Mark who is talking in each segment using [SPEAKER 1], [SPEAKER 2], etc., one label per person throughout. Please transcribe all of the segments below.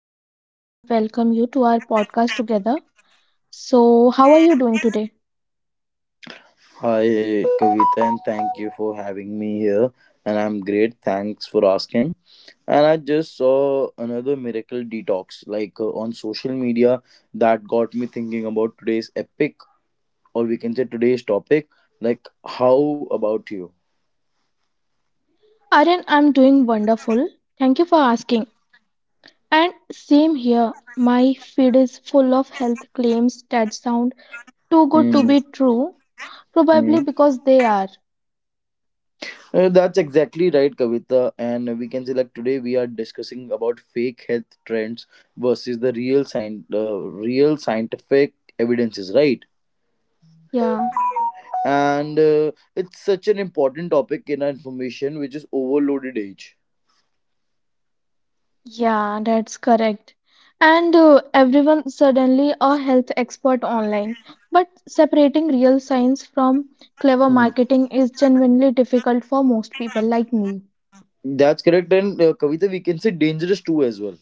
[SPEAKER 1] Today I welcome you to our podcast together. So, how are you doing today?
[SPEAKER 2] Hi, Kavita, and thank you for having me here. And I'm great. Thanks for asking. And I just saw another miracle detox, on social media, that got me thinking about today's epic, or we can say today's topic. Like, how about you?
[SPEAKER 1] Aryan, I'm doing wonderful. Thank you for asking. And same here, my feed is full of health claims that sound too good to
[SPEAKER 2] Hmm.
[SPEAKER 1] be true,
[SPEAKER 2] hmm.
[SPEAKER 1] probably because they are.
[SPEAKER 2] That's exactly right, Kavita. And we can say, like, today we are discussing about fake health trends versus the real, science. Real scientific evidences, right?
[SPEAKER 1] Yeah.
[SPEAKER 2] And it's such an important topic in our information which is overloaded age.
[SPEAKER 1] Yeah, that's correct. And Everyone suddenly a health expert online. But separating real science from clever
[SPEAKER 2] Hmm.
[SPEAKER 1] marketing is genuinely difficult for most people like me.
[SPEAKER 2] That's correct, and Kavita, we can say dangerous too as well.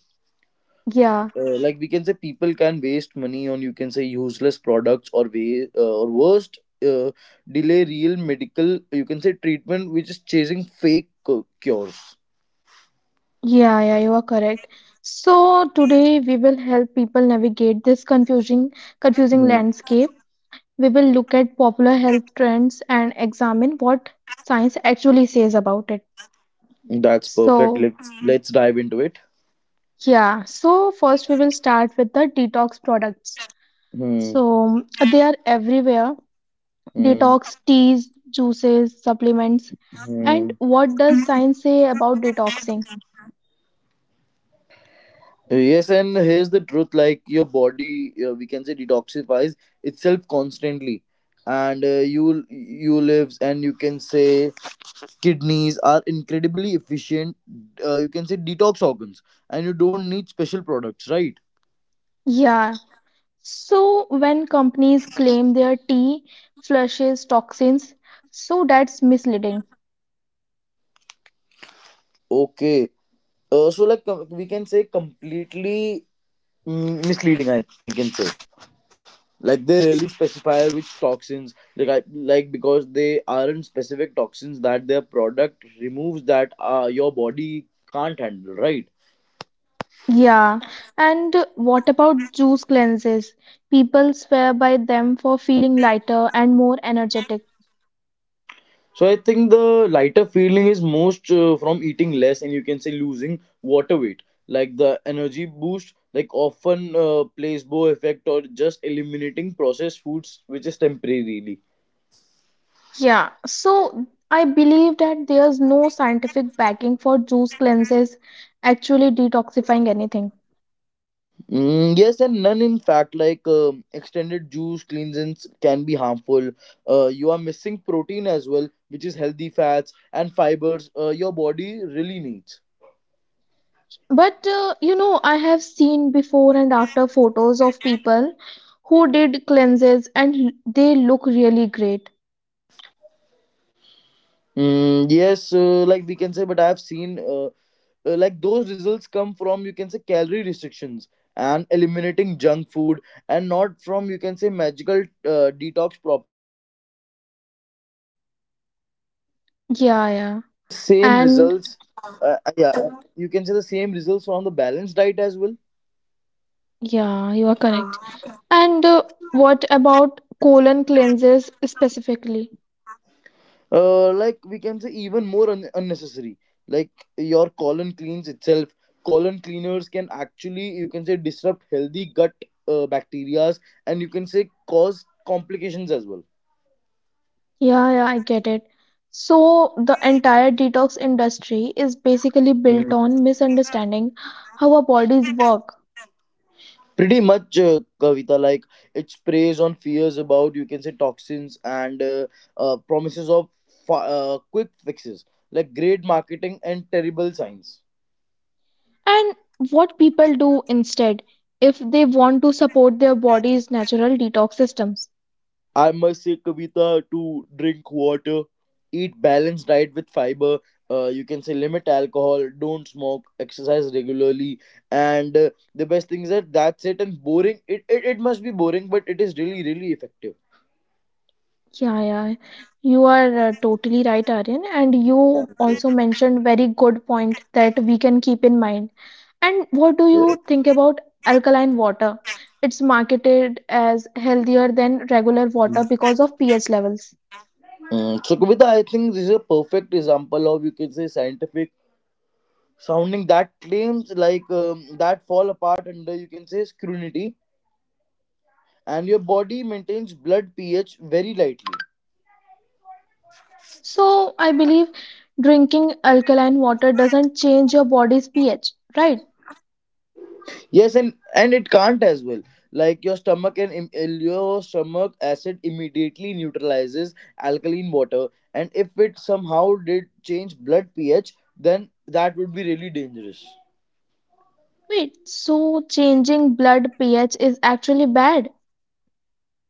[SPEAKER 1] Yeah,
[SPEAKER 2] Like, we can say people can waste money on, you can say, useless products, or worst, uh, delay real medical, you can say, treatment, which is chasing fake cures.
[SPEAKER 1] yeah, yeah, you are correct. So today we will help people navigate this confusing
[SPEAKER 2] Hmm.
[SPEAKER 1] landscape. We will look at popular health trends and examine what science actually says about it.
[SPEAKER 2] That's perfect.
[SPEAKER 1] So,
[SPEAKER 2] Let's dive into it.
[SPEAKER 1] yeah, so first we will start with the detox products.
[SPEAKER 2] Hmm.
[SPEAKER 1] So they are everywhere:
[SPEAKER 2] Hmm.
[SPEAKER 1] detox, teas, juices, supplements. And
[SPEAKER 2] Hmm.
[SPEAKER 1] what does science say about detoxing?
[SPEAKER 2] Yes, and here's the truth: like your body, we can say, detoxifies itself constantly, and you lives, and, you can say, kidneys are incredibly efficient. You can say detox organs, and you don't need special products, right?
[SPEAKER 1] Yeah. So when companies claim their tea flushes toxins, so that's misleading.
[SPEAKER 2] Okay, so like we can say completely, misleading, I can say. Like, they rarely specify which toxins, like I, like because they aren't specific toxins that their product removes that your body can't handle, right?
[SPEAKER 1] Yeah. And what about juice cleanses? People swear by them for feeling lighter and more energetic.
[SPEAKER 2] So I think the lighter feeling is most from eating less and, you can say, losing water weight. Like the energy boost, like often placebo effect, or just eliminating processed foods, which is temporarily.
[SPEAKER 1] Yeah, so I believe that there's no scientific backing for juice cleanses actually detoxifying anything.
[SPEAKER 2] Yes, and none in fact. Like extended juice cleansings can be harmful. You are missing protein as well, which is healthy fats and fibers your body really needs.
[SPEAKER 1] But I have seen before and after photos of people who did cleanses and they look really great.
[SPEAKER 2] Yes, like we can say, but I've seen, like, those results come from, you can say, calorie restrictions and eliminating junk food, and not from, you can say, magical detox.
[SPEAKER 1] Yeah, yeah.
[SPEAKER 2] Same
[SPEAKER 1] And
[SPEAKER 2] results, uh, yeah, you can say the same results on the balanced diet as well.
[SPEAKER 1] yeah, you are correct. And What about colon cleanses specifically?
[SPEAKER 2] Like, we can say, even more unnecessary. Like, your colon cleans itself. Colon cleaners can actually, you can say, disrupt healthy gut bacterias, and, you can say, cause complications as well.
[SPEAKER 1] Yeah, yeah, I get it. So the entire detox industry is basically built on misunderstanding how our bodies work,
[SPEAKER 2] Pretty much, Kavita. Like, it preys on fears about, you can say, toxins, and promises of quick fixes. Like great marketing and terrible science.
[SPEAKER 1] and what people do instead if they want to support their body's natural detox systems.
[SPEAKER 2] I must say, Kavita, to drink water, eat balanced diet with fiber. You can say limit alcohol, don't smoke, exercise regularly, and the best thing is that that's it. And boring, it must be boring, but it is really really effective.
[SPEAKER 1] Yeah, yeah, you are totally right, Aryan, and you
[SPEAKER 2] Thank
[SPEAKER 1] also mentioned very good point that we can keep in mind. And what do
[SPEAKER 2] you. Yeah.
[SPEAKER 1] you think about alkaline water? It's marketed as healthier than regular water because of pH levels.
[SPEAKER 2] So Kavita, I think this is a perfect example of, you can say, scientific sounding that claims, that fall apart under, you can say, scrutiny, and your body maintains blood pH very lightly.
[SPEAKER 1] So I believe drinking alkaline water doesn't change your body's pH, right?
[SPEAKER 2] Yes, and it can't as well. Like your stomach and your stomach acid immediately neutralizes alkaline water, and if it somehow did change blood pH, then that would be really dangerous.
[SPEAKER 1] Wait, so changing blood pH is actually bad.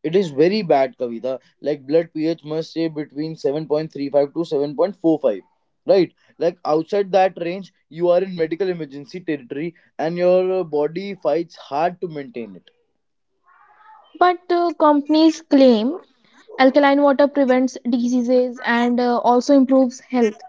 [SPEAKER 2] It is very bad, Kavita. Like blood pH must stay between 7.35 to 7.45. Right, like outside that range, you are in medical emergency territory, and your body fights hard to maintain it.
[SPEAKER 1] But Companies claim alkaline water prevents diseases and also improves health.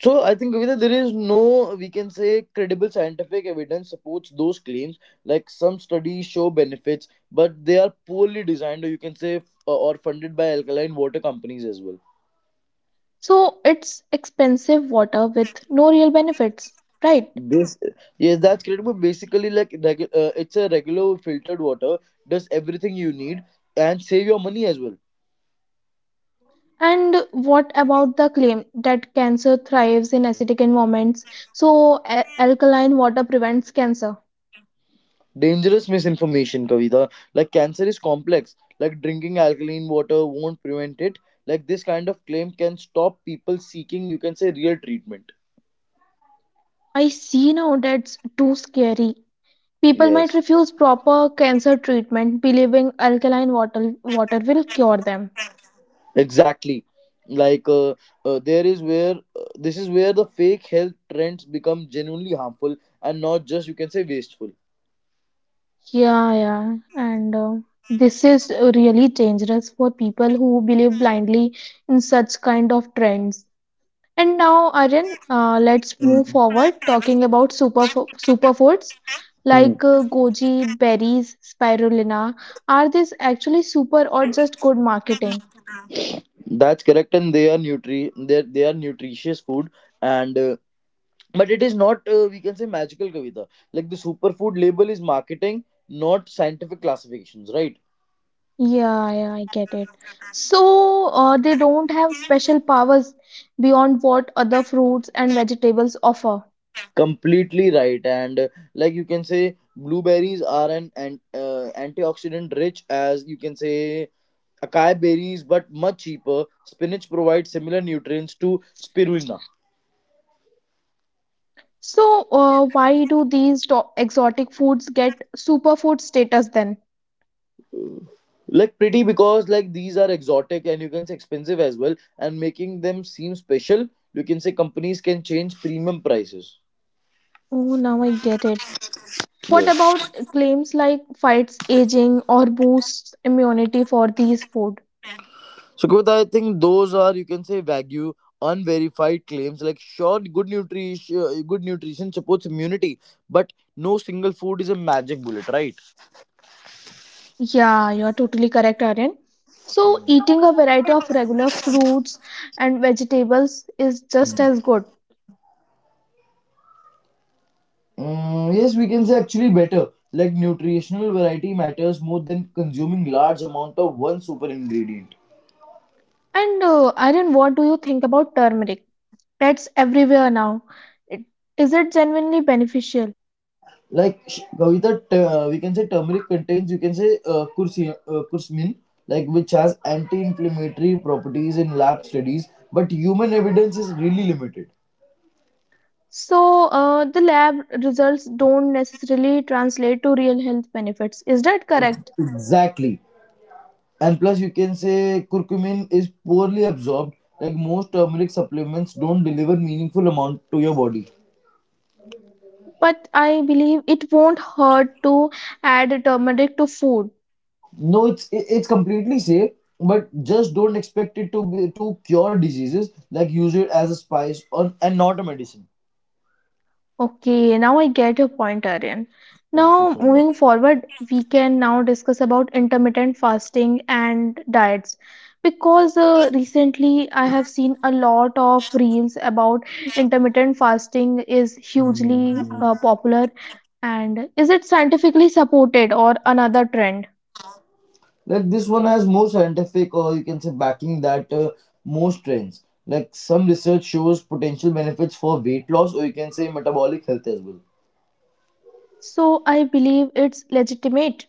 [SPEAKER 2] So I think, Kavita, there is no, we can say, credible scientific evidence supports those claims. Like some studies show benefits, but they are poorly designed, or you can say, or funded by alkaline water companies as well.
[SPEAKER 1] So it's expensive water with no real benefits, right?
[SPEAKER 2] This Yes, that's correct. But basically, like it's a regular filtered water, does everything you need, and save your money as well.
[SPEAKER 1] And what about the claim that cancer thrives in acidic environments? So alkaline water prevents cancer.
[SPEAKER 2] Dangerous misinformation, Kavita. Like cancer is complex. Like drinking alkaline water won't prevent it. Like this kind of claim can stop people seeking, you can say, real treatment.
[SPEAKER 1] I see now that's too scary. People might
[SPEAKER 2] Yes,
[SPEAKER 1] refuse proper cancer treatment, believing alkaline water will cure them.
[SPEAKER 2] exactly. Like there is where This is where the fake health trends become genuinely harmful and not just, you can say, wasteful.
[SPEAKER 1] Yeah, yeah, and this is really dangerous for people who believe blindly in such kind of trends. And now, Aryan, let's move
[SPEAKER 2] Mm,
[SPEAKER 1] forward talking about superfoods
[SPEAKER 2] mm.
[SPEAKER 1] like goji berries, spirulina. Are these actually super or just good marketing?
[SPEAKER 2] That's correct, and they are nutritious food, and but it is not, we can say, magical, Kavita. Like the superfood label is marketing, not scientific classifications, right?
[SPEAKER 1] Yeah, yeah, I get it. So, they don't have special powers beyond what other fruits and vegetables offer.
[SPEAKER 2] Completely right, and like, you can say, blueberries are an antioxidant rich as, you can say, acai berries, but much cheaper. Spinach provides similar nutrients to spirulina.
[SPEAKER 1] So, why do these exotic foods get superfood status then?
[SPEAKER 2] Like pretty, because like these are exotic and, you can say, expensive as well, and making them seem special. You can say companies can change premium prices.
[SPEAKER 1] Oh, now I get it. What
[SPEAKER 2] Yes.
[SPEAKER 1] about claims like fights aging or boosts immunity for these food?
[SPEAKER 2] So, Kavita, I think those are, you can say, wagyu unverified claims. Like sure, good nutrition supports immunity, but no single food is a magic bullet, right?
[SPEAKER 1] Yeah, you're totally correct, Aryan. So,
[SPEAKER 2] Hmm.
[SPEAKER 1] eating a variety of regular fruits and vegetables is just
[SPEAKER 2] Mm,
[SPEAKER 1] as good.
[SPEAKER 2] Yes, we can say actually better. Like nutritional variety matters more than consuming large amount of one super ingredient.
[SPEAKER 1] And Aryan, what do you think about turmeric? That's everywhere now. It, is it genuinely beneficial?
[SPEAKER 2] Like Kavita, we can say turmeric contains, you can say, curcumin, like which has anti-inflammatory properties in lab studies, but human evidence is really limited.
[SPEAKER 1] So, the lab results don't necessarily translate to real health benefits. Is that correct?
[SPEAKER 2] Exactly, and plus, you can say, curcumin is poorly absorbed. Like most turmeric supplements don't deliver meaningful amount to your body.
[SPEAKER 1] But I believe it won't hurt to add turmeric to food.
[SPEAKER 2] No, it's completely safe, but just don't expect it to be to cure diseases. Like use it as a spice on and not a medicine.
[SPEAKER 1] Okay, now I get your point, Aryan.
[SPEAKER 2] Thank you
[SPEAKER 1] Now,
[SPEAKER 2] so much.
[SPEAKER 1] moving forward, we can now discuss about intermittent fasting and diets. Because recently I have seen a lot of reels about intermittent fasting is
[SPEAKER 2] Mhm.
[SPEAKER 1] hugely popular, and is it scientifically supported or another trend?
[SPEAKER 2] Like this one has more scientific, or you can say backing that most trends. Like some research shows potential benefits for weight loss, or you can say metabolic health as well.
[SPEAKER 1] So I believe it's legitimate.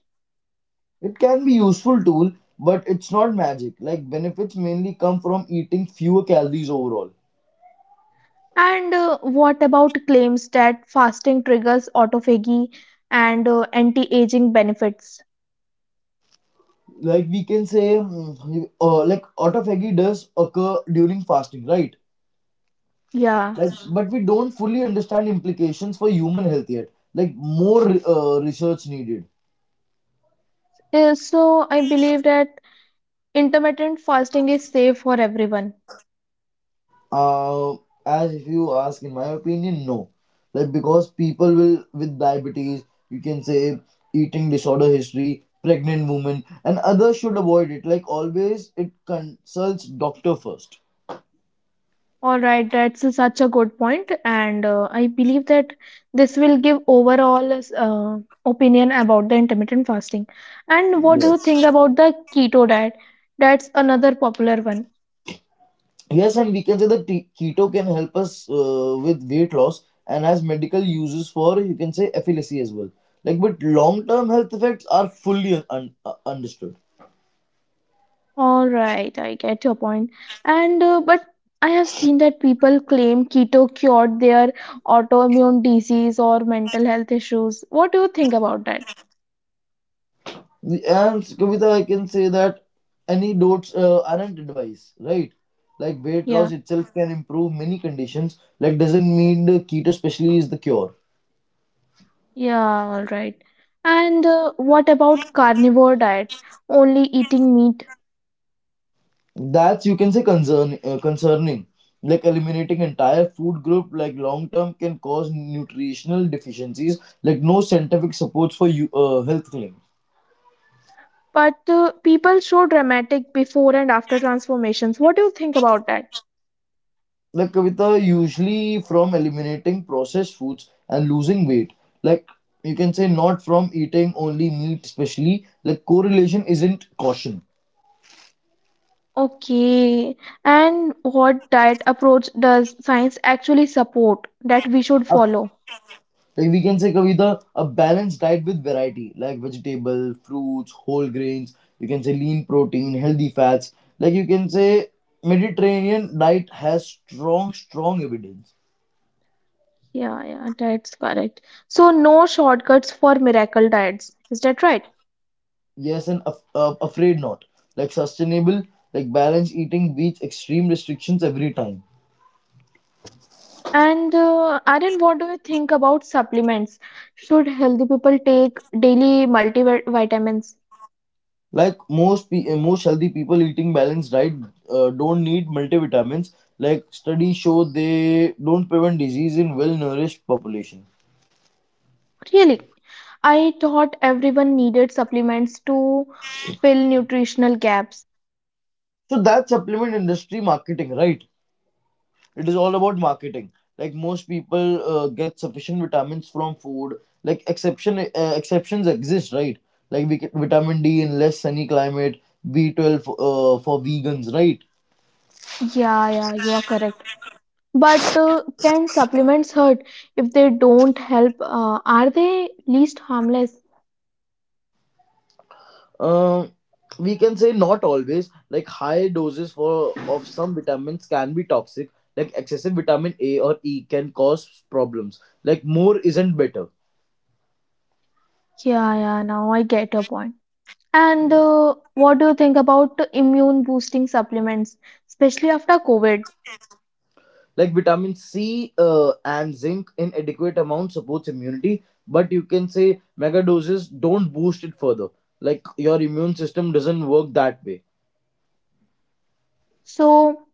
[SPEAKER 2] It can be useful tool, but it's not magic. Like benefits mainly come from eating fewer calories overall.
[SPEAKER 1] And What about claims that fasting triggers autophagy and anti-aging benefits?
[SPEAKER 2] Like we can say, like autophagy does occur during fasting, right?
[SPEAKER 1] Yeah.
[SPEAKER 2] Like, but we don't fully understand implications for human health yet. Like more research needed.
[SPEAKER 1] So I believe that intermittent fasting is safe for everyone.
[SPEAKER 2] Uh, as if you ask, in my opinion, no. Like because people will with diabetes, you can say, eating disorder history, pregnant women, and others should avoid it. Like always, it consults doctor first.
[SPEAKER 1] All right, that's such a good point, and I believe that this will give overall uh, opinion about the intermittent fasting. And what do you think
[SPEAKER 2] Yes.
[SPEAKER 1] about the keto diet? That's another popular one.
[SPEAKER 2] Yes, and we can say that keto can help us with weight loss and has medical uses for, you can say, efficacy as well. Like, but long term health effects are fully understood.
[SPEAKER 1] All right, I get your point. And but I have seen that people claim keto cured their autoimmune disease or mental health issues. What do you think about that?
[SPEAKER 2] And Kavita, I can say that antidotes aren't advice, right? Like weight loss
[SPEAKER 1] Yeah.
[SPEAKER 2] itself can improve many conditions. Like doesn't mean the keto especially is the cure.
[SPEAKER 1] Yeah, all right. And What about carnivore diet? Only eating meat.
[SPEAKER 2] That's, you can say, concerning. Like eliminating entire food group, like long term, can cause nutritional deficiencies. Like no scientific supports for you health claim.
[SPEAKER 1] But People show dramatic before and after transformations. What do you think about that?
[SPEAKER 2] Like Kavita, usually from eliminating processed foods and losing weight. Like, you can say, not from eating only meat, especially. Like correlation isn't caution.
[SPEAKER 1] Okay. And what diet approach does science actually support that we should
[SPEAKER 2] A,
[SPEAKER 1] follow?
[SPEAKER 2] like we can say, Kavita, a balanced diet with variety, like vegetable, fruits, whole grains. You can say lean protein, healthy fats. Like you can say, Mediterranean diet has strong evidence.
[SPEAKER 1] Yeah, yeah, that's correct. So no shortcuts for miracle diets. Is that right?
[SPEAKER 2] Yes, and afraid not. Like sustainable, like balanced eating beats extreme restrictions every time.
[SPEAKER 1] And Aryan, what do you think about supplements? Should healthy people take daily multivitamins?
[SPEAKER 2] Like most healthy people eating balanced diet don't need multivitamins. Like studies show they don't prevent disease in well nourished population.
[SPEAKER 1] Really, I thought everyone needed supplements to fill nutritional gaps.
[SPEAKER 2] So that supplement industry marketing, right? It is all about marketing. Like most people get sufficient vitamins from food. Like exceptions exist, right? Like we get vitamin d in less sunny climate, b12 for vegans, right?
[SPEAKER 1] Yeah, yeah, you are correct. But Can supplements hurt if they don't help? Are they least harmless?
[SPEAKER 2] um we can say not always. Like high doses for of some vitamins can be toxic. Like excessive vitamin a or e can cause problems. Like more isn't better.
[SPEAKER 1] Yeah, yeah, now I get your point. And What do you think about immune boosting supplements, especially after COVID?
[SPEAKER 2] Like vitamin c and zinc in adequate amount supports immunity, but, you can say, mega doses don't boost it further. Like your immune system doesn't work that way.
[SPEAKER 1] So,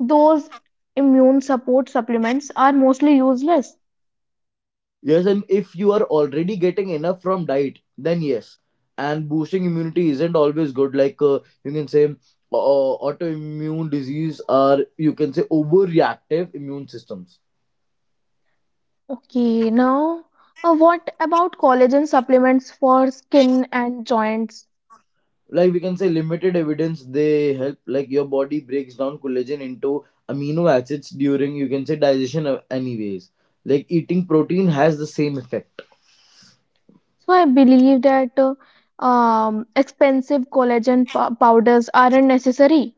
[SPEAKER 1] those immune support supplements are mostly useless.
[SPEAKER 2] Yes, and if you are already getting enough from diet, then yes. And boosting immunity isn't always good. Like autoimmune disease are, you can say, overreactive immune systems.
[SPEAKER 1] Okay, now what about collagen supplements for skin and joints?
[SPEAKER 2] Like we can say, limited evidence they help. Like your body breaks down collagen into amino acids during, you can say, digestion. Anyways, like eating protein has the same effect,
[SPEAKER 1] So I believe that expensive collagen powders aren't necessary.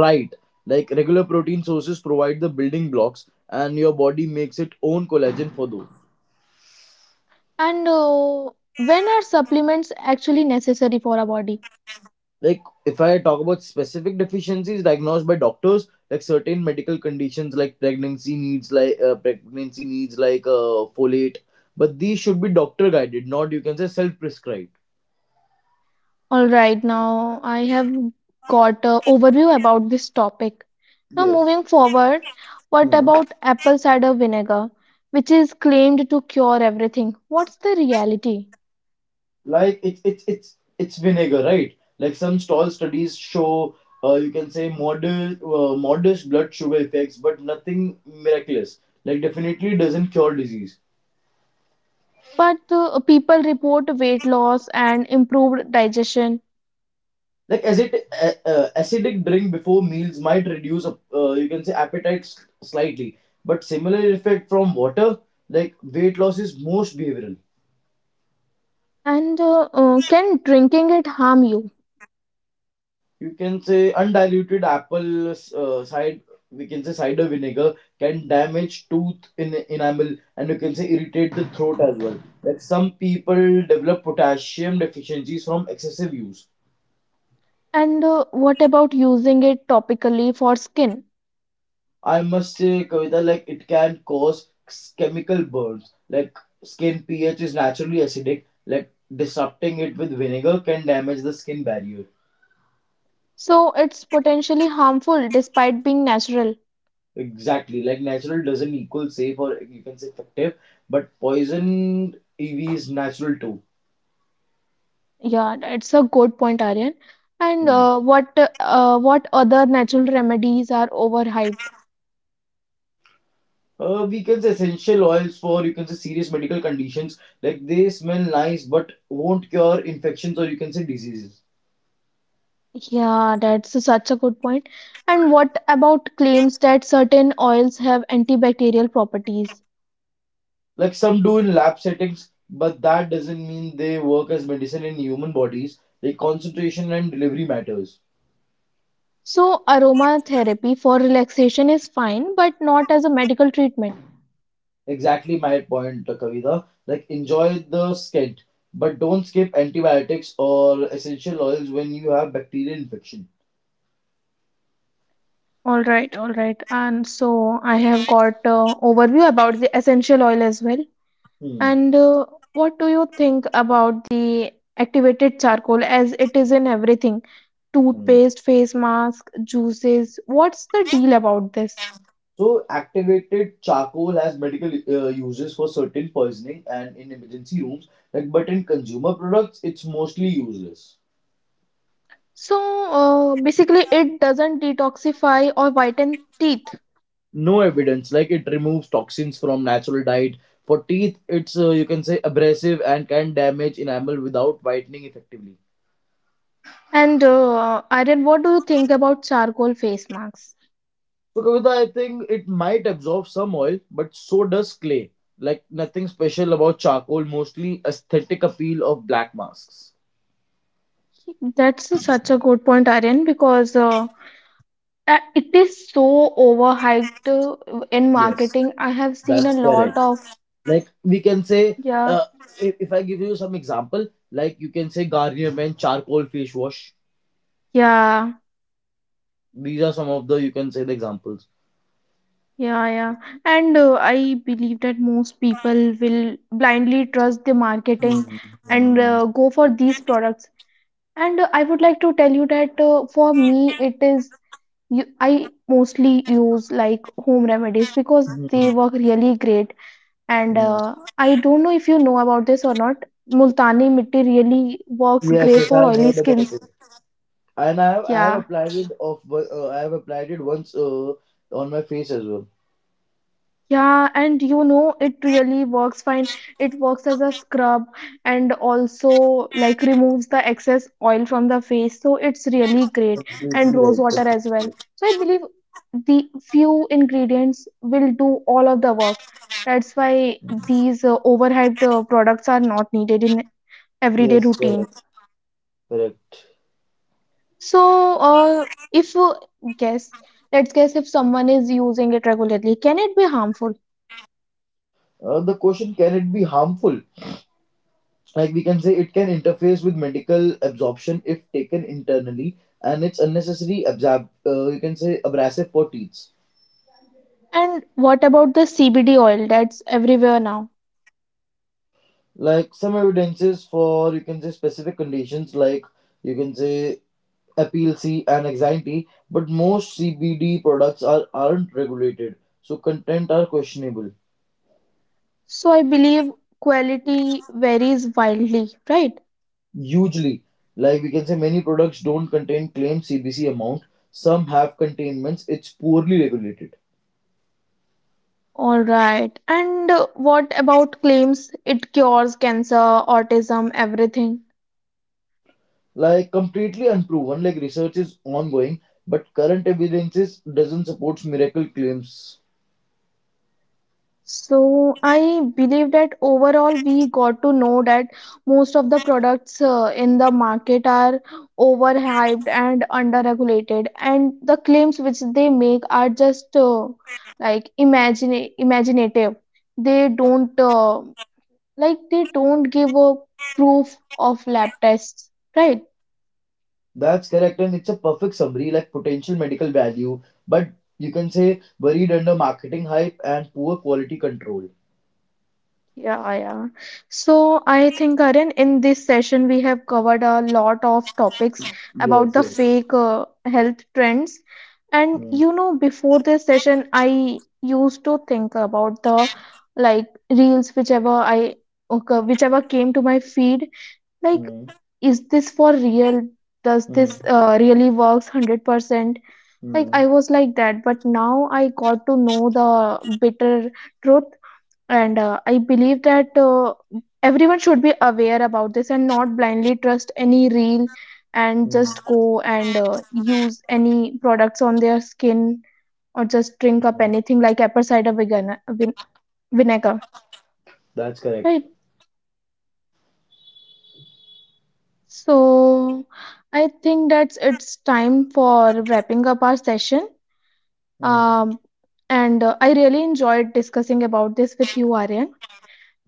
[SPEAKER 2] right? Like regular protein sources provide the building blocks, and your body makes its own collagen for those.
[SPEAKER 1] And when are supplements actually necessary for our body?
[SPEAKER 2] Like if I talk about specific deficiencies diagnosed by doctors, like certain medical conditions, pregnancy needs like folate, but these should be doctor guided, not, you can say, self prescribed.
[SPEAKER 1] All right, now I have got an overview about this topic. Now
[SPEAKER 2] Yes.
[SPEAKER 1] moving forward, what
[SPEAKER 2] Hmm.
[SPEAKER 1] about apple cider vinegar, which is claimed to cure everything? What's the reality?
[SPEAKER 2] Like it's vinegar, right? Like some stall studies show you can say modest blood sugar effects, but nothing miraculous. Like definitely doesn't cure disease.
[SPEAKER 1] But people report weight loss and improved digestion.
[SPEAKER 2] Like acid, acidic drink before meals might reduce you can say appetite slightly, but similar effect from water. Like weight loss is most behavioral.
[SPEAKER 1] And Can drinking it harm you?
[SPEAKER 2] You can say undiluted apple cider vinegar can damage tooth in enamel and, you can say, irritate the throat as well. Like some people develop potassium deficiencies from excessive use.
[SPEAKER 1] And What about using it topically for skin?
[SPEAKER 2] I must say, Kavita, like it can cause chemical burns. Like skin pH is naturally acidic. Like disrupting it with vinegar can damage the skin barrier.
[SPEAKER 1] So it's potentially harmful despite being natural.
[SPEAKER 2] Exactly. Like natural doesn't equal safe, or, you can say, effective, but poisoned EV is natural too.
[SPEAKER 1] Yeah, that's a good point, Aryan. And
[SPEAKER 2] Mm.
[SPEAKER 1] what What other natural remedies are overhyped?
[SPEAKER 2] We can say essential oils for, you can say, serious medical conditions. Like they smell nice but won't cure infections, or, you can say, diseases.
[SPEAKER 1] Yeah, that's such a good point. And what about claims that certain oils have antibacterial properties?
[SPEAKER 2] Like some do in lab settings, but that doesn't mean they work as medicine in human bodies. Like concentration and delivery matters.
[SPEAKER 1] So, aromatherapy for relaxation is fine, but not as a medical treatment.
[SPEAKER 2] Exactly my point, Kavita. Like enjoy the scent, but don't skip antibiotics or essential oils when you have bacterial infection.
[SPEAKER 1] All right, all right. And so I have got overview about the essential oil as well.
[SPEAKER 2] Hmm.
[SPEAKER 1] And what do you think about the activated charcoal, as it is in everything?
[SPEAKER 2] Hmm.
[SPEAKER 1] Toothpaste, face mask, juices. What's the deal about this?
[SPEAKER 2] So activated charcoal has medical uses for certain poisoning and in emergency rooms. Like, but in consumer products, it's mostly useless.
[SPEAKER 1] So, basically, it doesn't detoxify or whiten teeth.
[SPEAKER 2] No evidence like it removes toxins from natural diet. For teeth, it's you can say abrasive, and can damage enamel without whitening effectively.
[SPEAKER 1] And Irene, what do you think about charcoal face masks?
[SPEAKER 2] So Kavita, I think it might absorb some oil, but so does clay. Like nothing special about charcoal, mostly aesthetic appeal of black masks.
[SPEAKER 1] That's such a good point, Aryan, because it is so overhyped in
[SPEAKER 2] Yes,
[SPEAKER 1] marketing. I have seen a
[SPEAKER 2] that's
[SPEAKER 1] lot
[SPEAKER 2] correct.
[SPEAKER 1] of,
[SPEAKER 2] Like we can say
[SPEAKER 1] yeah,
[SPEAKER 2] If I give you some example, like, you can say, garnier men charcoal face wash,
[SPEAKER 1] yeah,
[SPEAKER 2] these are some of the, you can say, the examples.
[SPEAKER 1] yeah, yeah. And I believe that most people will blindly trust the marketing
[SPEAKER 2] Hmm.
[SPEAKER 1] and
[SPEAKER 2] hmm,
[SPEAKER 1] uh, go for these products. And I would like to tell you that for me, I mostly use like home remedies because they
[SPEAKER 2] hmm.
[SPEAKER 1] work really great. And
[SPEAKER 2] Mm.
[SPEAKER 1] I don't know if you know about this or not. Multani mitti really works
[SPEAKER 2] Yes,
[SPEAKER 1] great
[SPEAKER 2] yes,
[SPEAKER 1] for
[SPEAKER 2] I've
[SPEAKER 1] oily
[SPEAKER 2] heard about
[SPEAKER 1] skins.
[SPEAKER 2] it, and I have
[SPEAKER 1] Yeah.
[SPEAKER 2] applied it of I have applied it once on my face as well.
[SPEAKER 1] Yeah, and you know it really works fine. It works as a scrub and also like removes the excess oil from the face. So it's really great.
[SPEAKER 2] Completely
[SPEAKER 1] And rose
[SPEAKER 2] right. Completely
[SPEAKER 1] water as well.
[SPEAKER 2] right.
[SPEAKER 1] So I believe the few ingredients will do all of the work. That's why these overhyped products are not needed in everyday
[SPEAKER 2] Yes,
[SPEAKER 1] routine.
[SPEAKER 2] correct, correct.
[SPEAKER 1] So, if guess, let's guess, if someone is using it regularly, can it be harmful?
[SPEAKER 2] The question, can it be harmful? Like we can say it can interface with medical absorption if taken internally, and it's unnecessary absab you can say abrasive for teeth.
[SPEAKER 1] And what about the CBD oil that's everywhere now?
[SPEAKER 2] Like some evidences for, you can say, specific conditions like, you can say, epilepsy, and anxiety, but most CBD products are, aren't regulated, so content are questionable.
[SPEAKER 1] So, I believe quality varies wildly, right?
[SPEAKER 2] Usually, like we can say, many products don't contain claimed CBC amount, some have containments, it's poorly regulated.
[SPEAKER 1] All right. And what about claims it cures cancer, autism, everything?
[SPEAKER 2] Like completely unproven, like research is ongoing, but current evidence is, doesn't support miracle claims.
[SPEAKER 1] So I believe that overall we got to know that most of the products in the market are overhyped and underregulated, and the claims which they make are just like imagine imaginative. They don't Like they don't give a proof of lab tests, right?
[SPEAKER 2] That's correct, and it's a perfect summary, like potential medical value, but, you can say, buried under marketing hype and poor quality control.
[SPEAKER 1] Yeah, yeah. So I think, Karan, in this session, we have covered a lot of topics
[SPEAKER 2] Yes,
[SPEAKER 1] about the
[SPEAKER 2] yes.
[SPEAKER 1] fake health trends. And
[SPEAKER 2] Mm,
[SPEAKER 1] you know, before this session, I used to think about the like reels, whichever came to my feed. Like,
[SPEAKER 2] mm,
[SPEAKER 1] is this for real? Does
[SPEAKER 2] mm,
[SPEAKER 1] this really works 100%? Like,
[SPEAKER 2] mm,
[SPEAKER 1] I was like that, but now I got to know the bitter truth, and I believe that everyone should be aware about this and not blindly trust any reel and
[SPEAKER 2] mm,
[SPEAKER 1] just go and use any products on their skin, or just drink up
[SPEAKER 2] mm.
[SPEAKER 1] anything like apple cider vinegar,
[SPEAKER 2] That's correct.
[SPEAKER 1] right? So I think that's, it's time for wrapping up our session.
[SPEAKER 2] Mm,
[SPEAKER 1] Um, and I really enjoyed discussing about this with you, Aryan,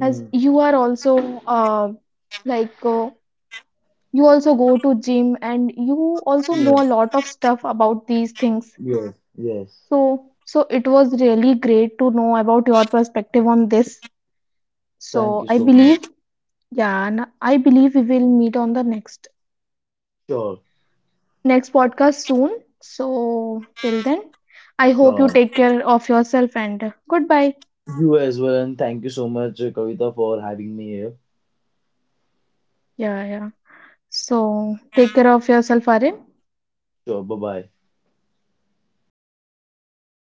[SPEAKER 1] as you are also uh, like uh, you also go to gym and you also know a
[SPEAKER 2] Yes,
[SPEAKER 1] lot of stuff about these things.
[SPEAKER 2] yes, yes.
[SPEAKER 1] So so it was really great to know about your perspective on this. So
[SPEAKER 2] Thank you
[SPEAKER 1] I
[SPEAKER 2] so
[SPEAKER 1] believe
[SPEAKER 2] much.
[SPEAKER 1] Yeah, and I believe we will meet on the
[SPEAKER 2] Sure,
[SPEAKER 1] next podcast soon. So till then, I hope you
[SPEAKER 2] sure.
[SPEAKER 1] take care of yourself and goodbye.
[SPEAKER 2] You as well, and thank you so much, Kavita, for having me here.
[SPEAKER 1] Yeah, yeah. So take care of yourself, Arin.
[SPEAKER 2] Sure, bye bye.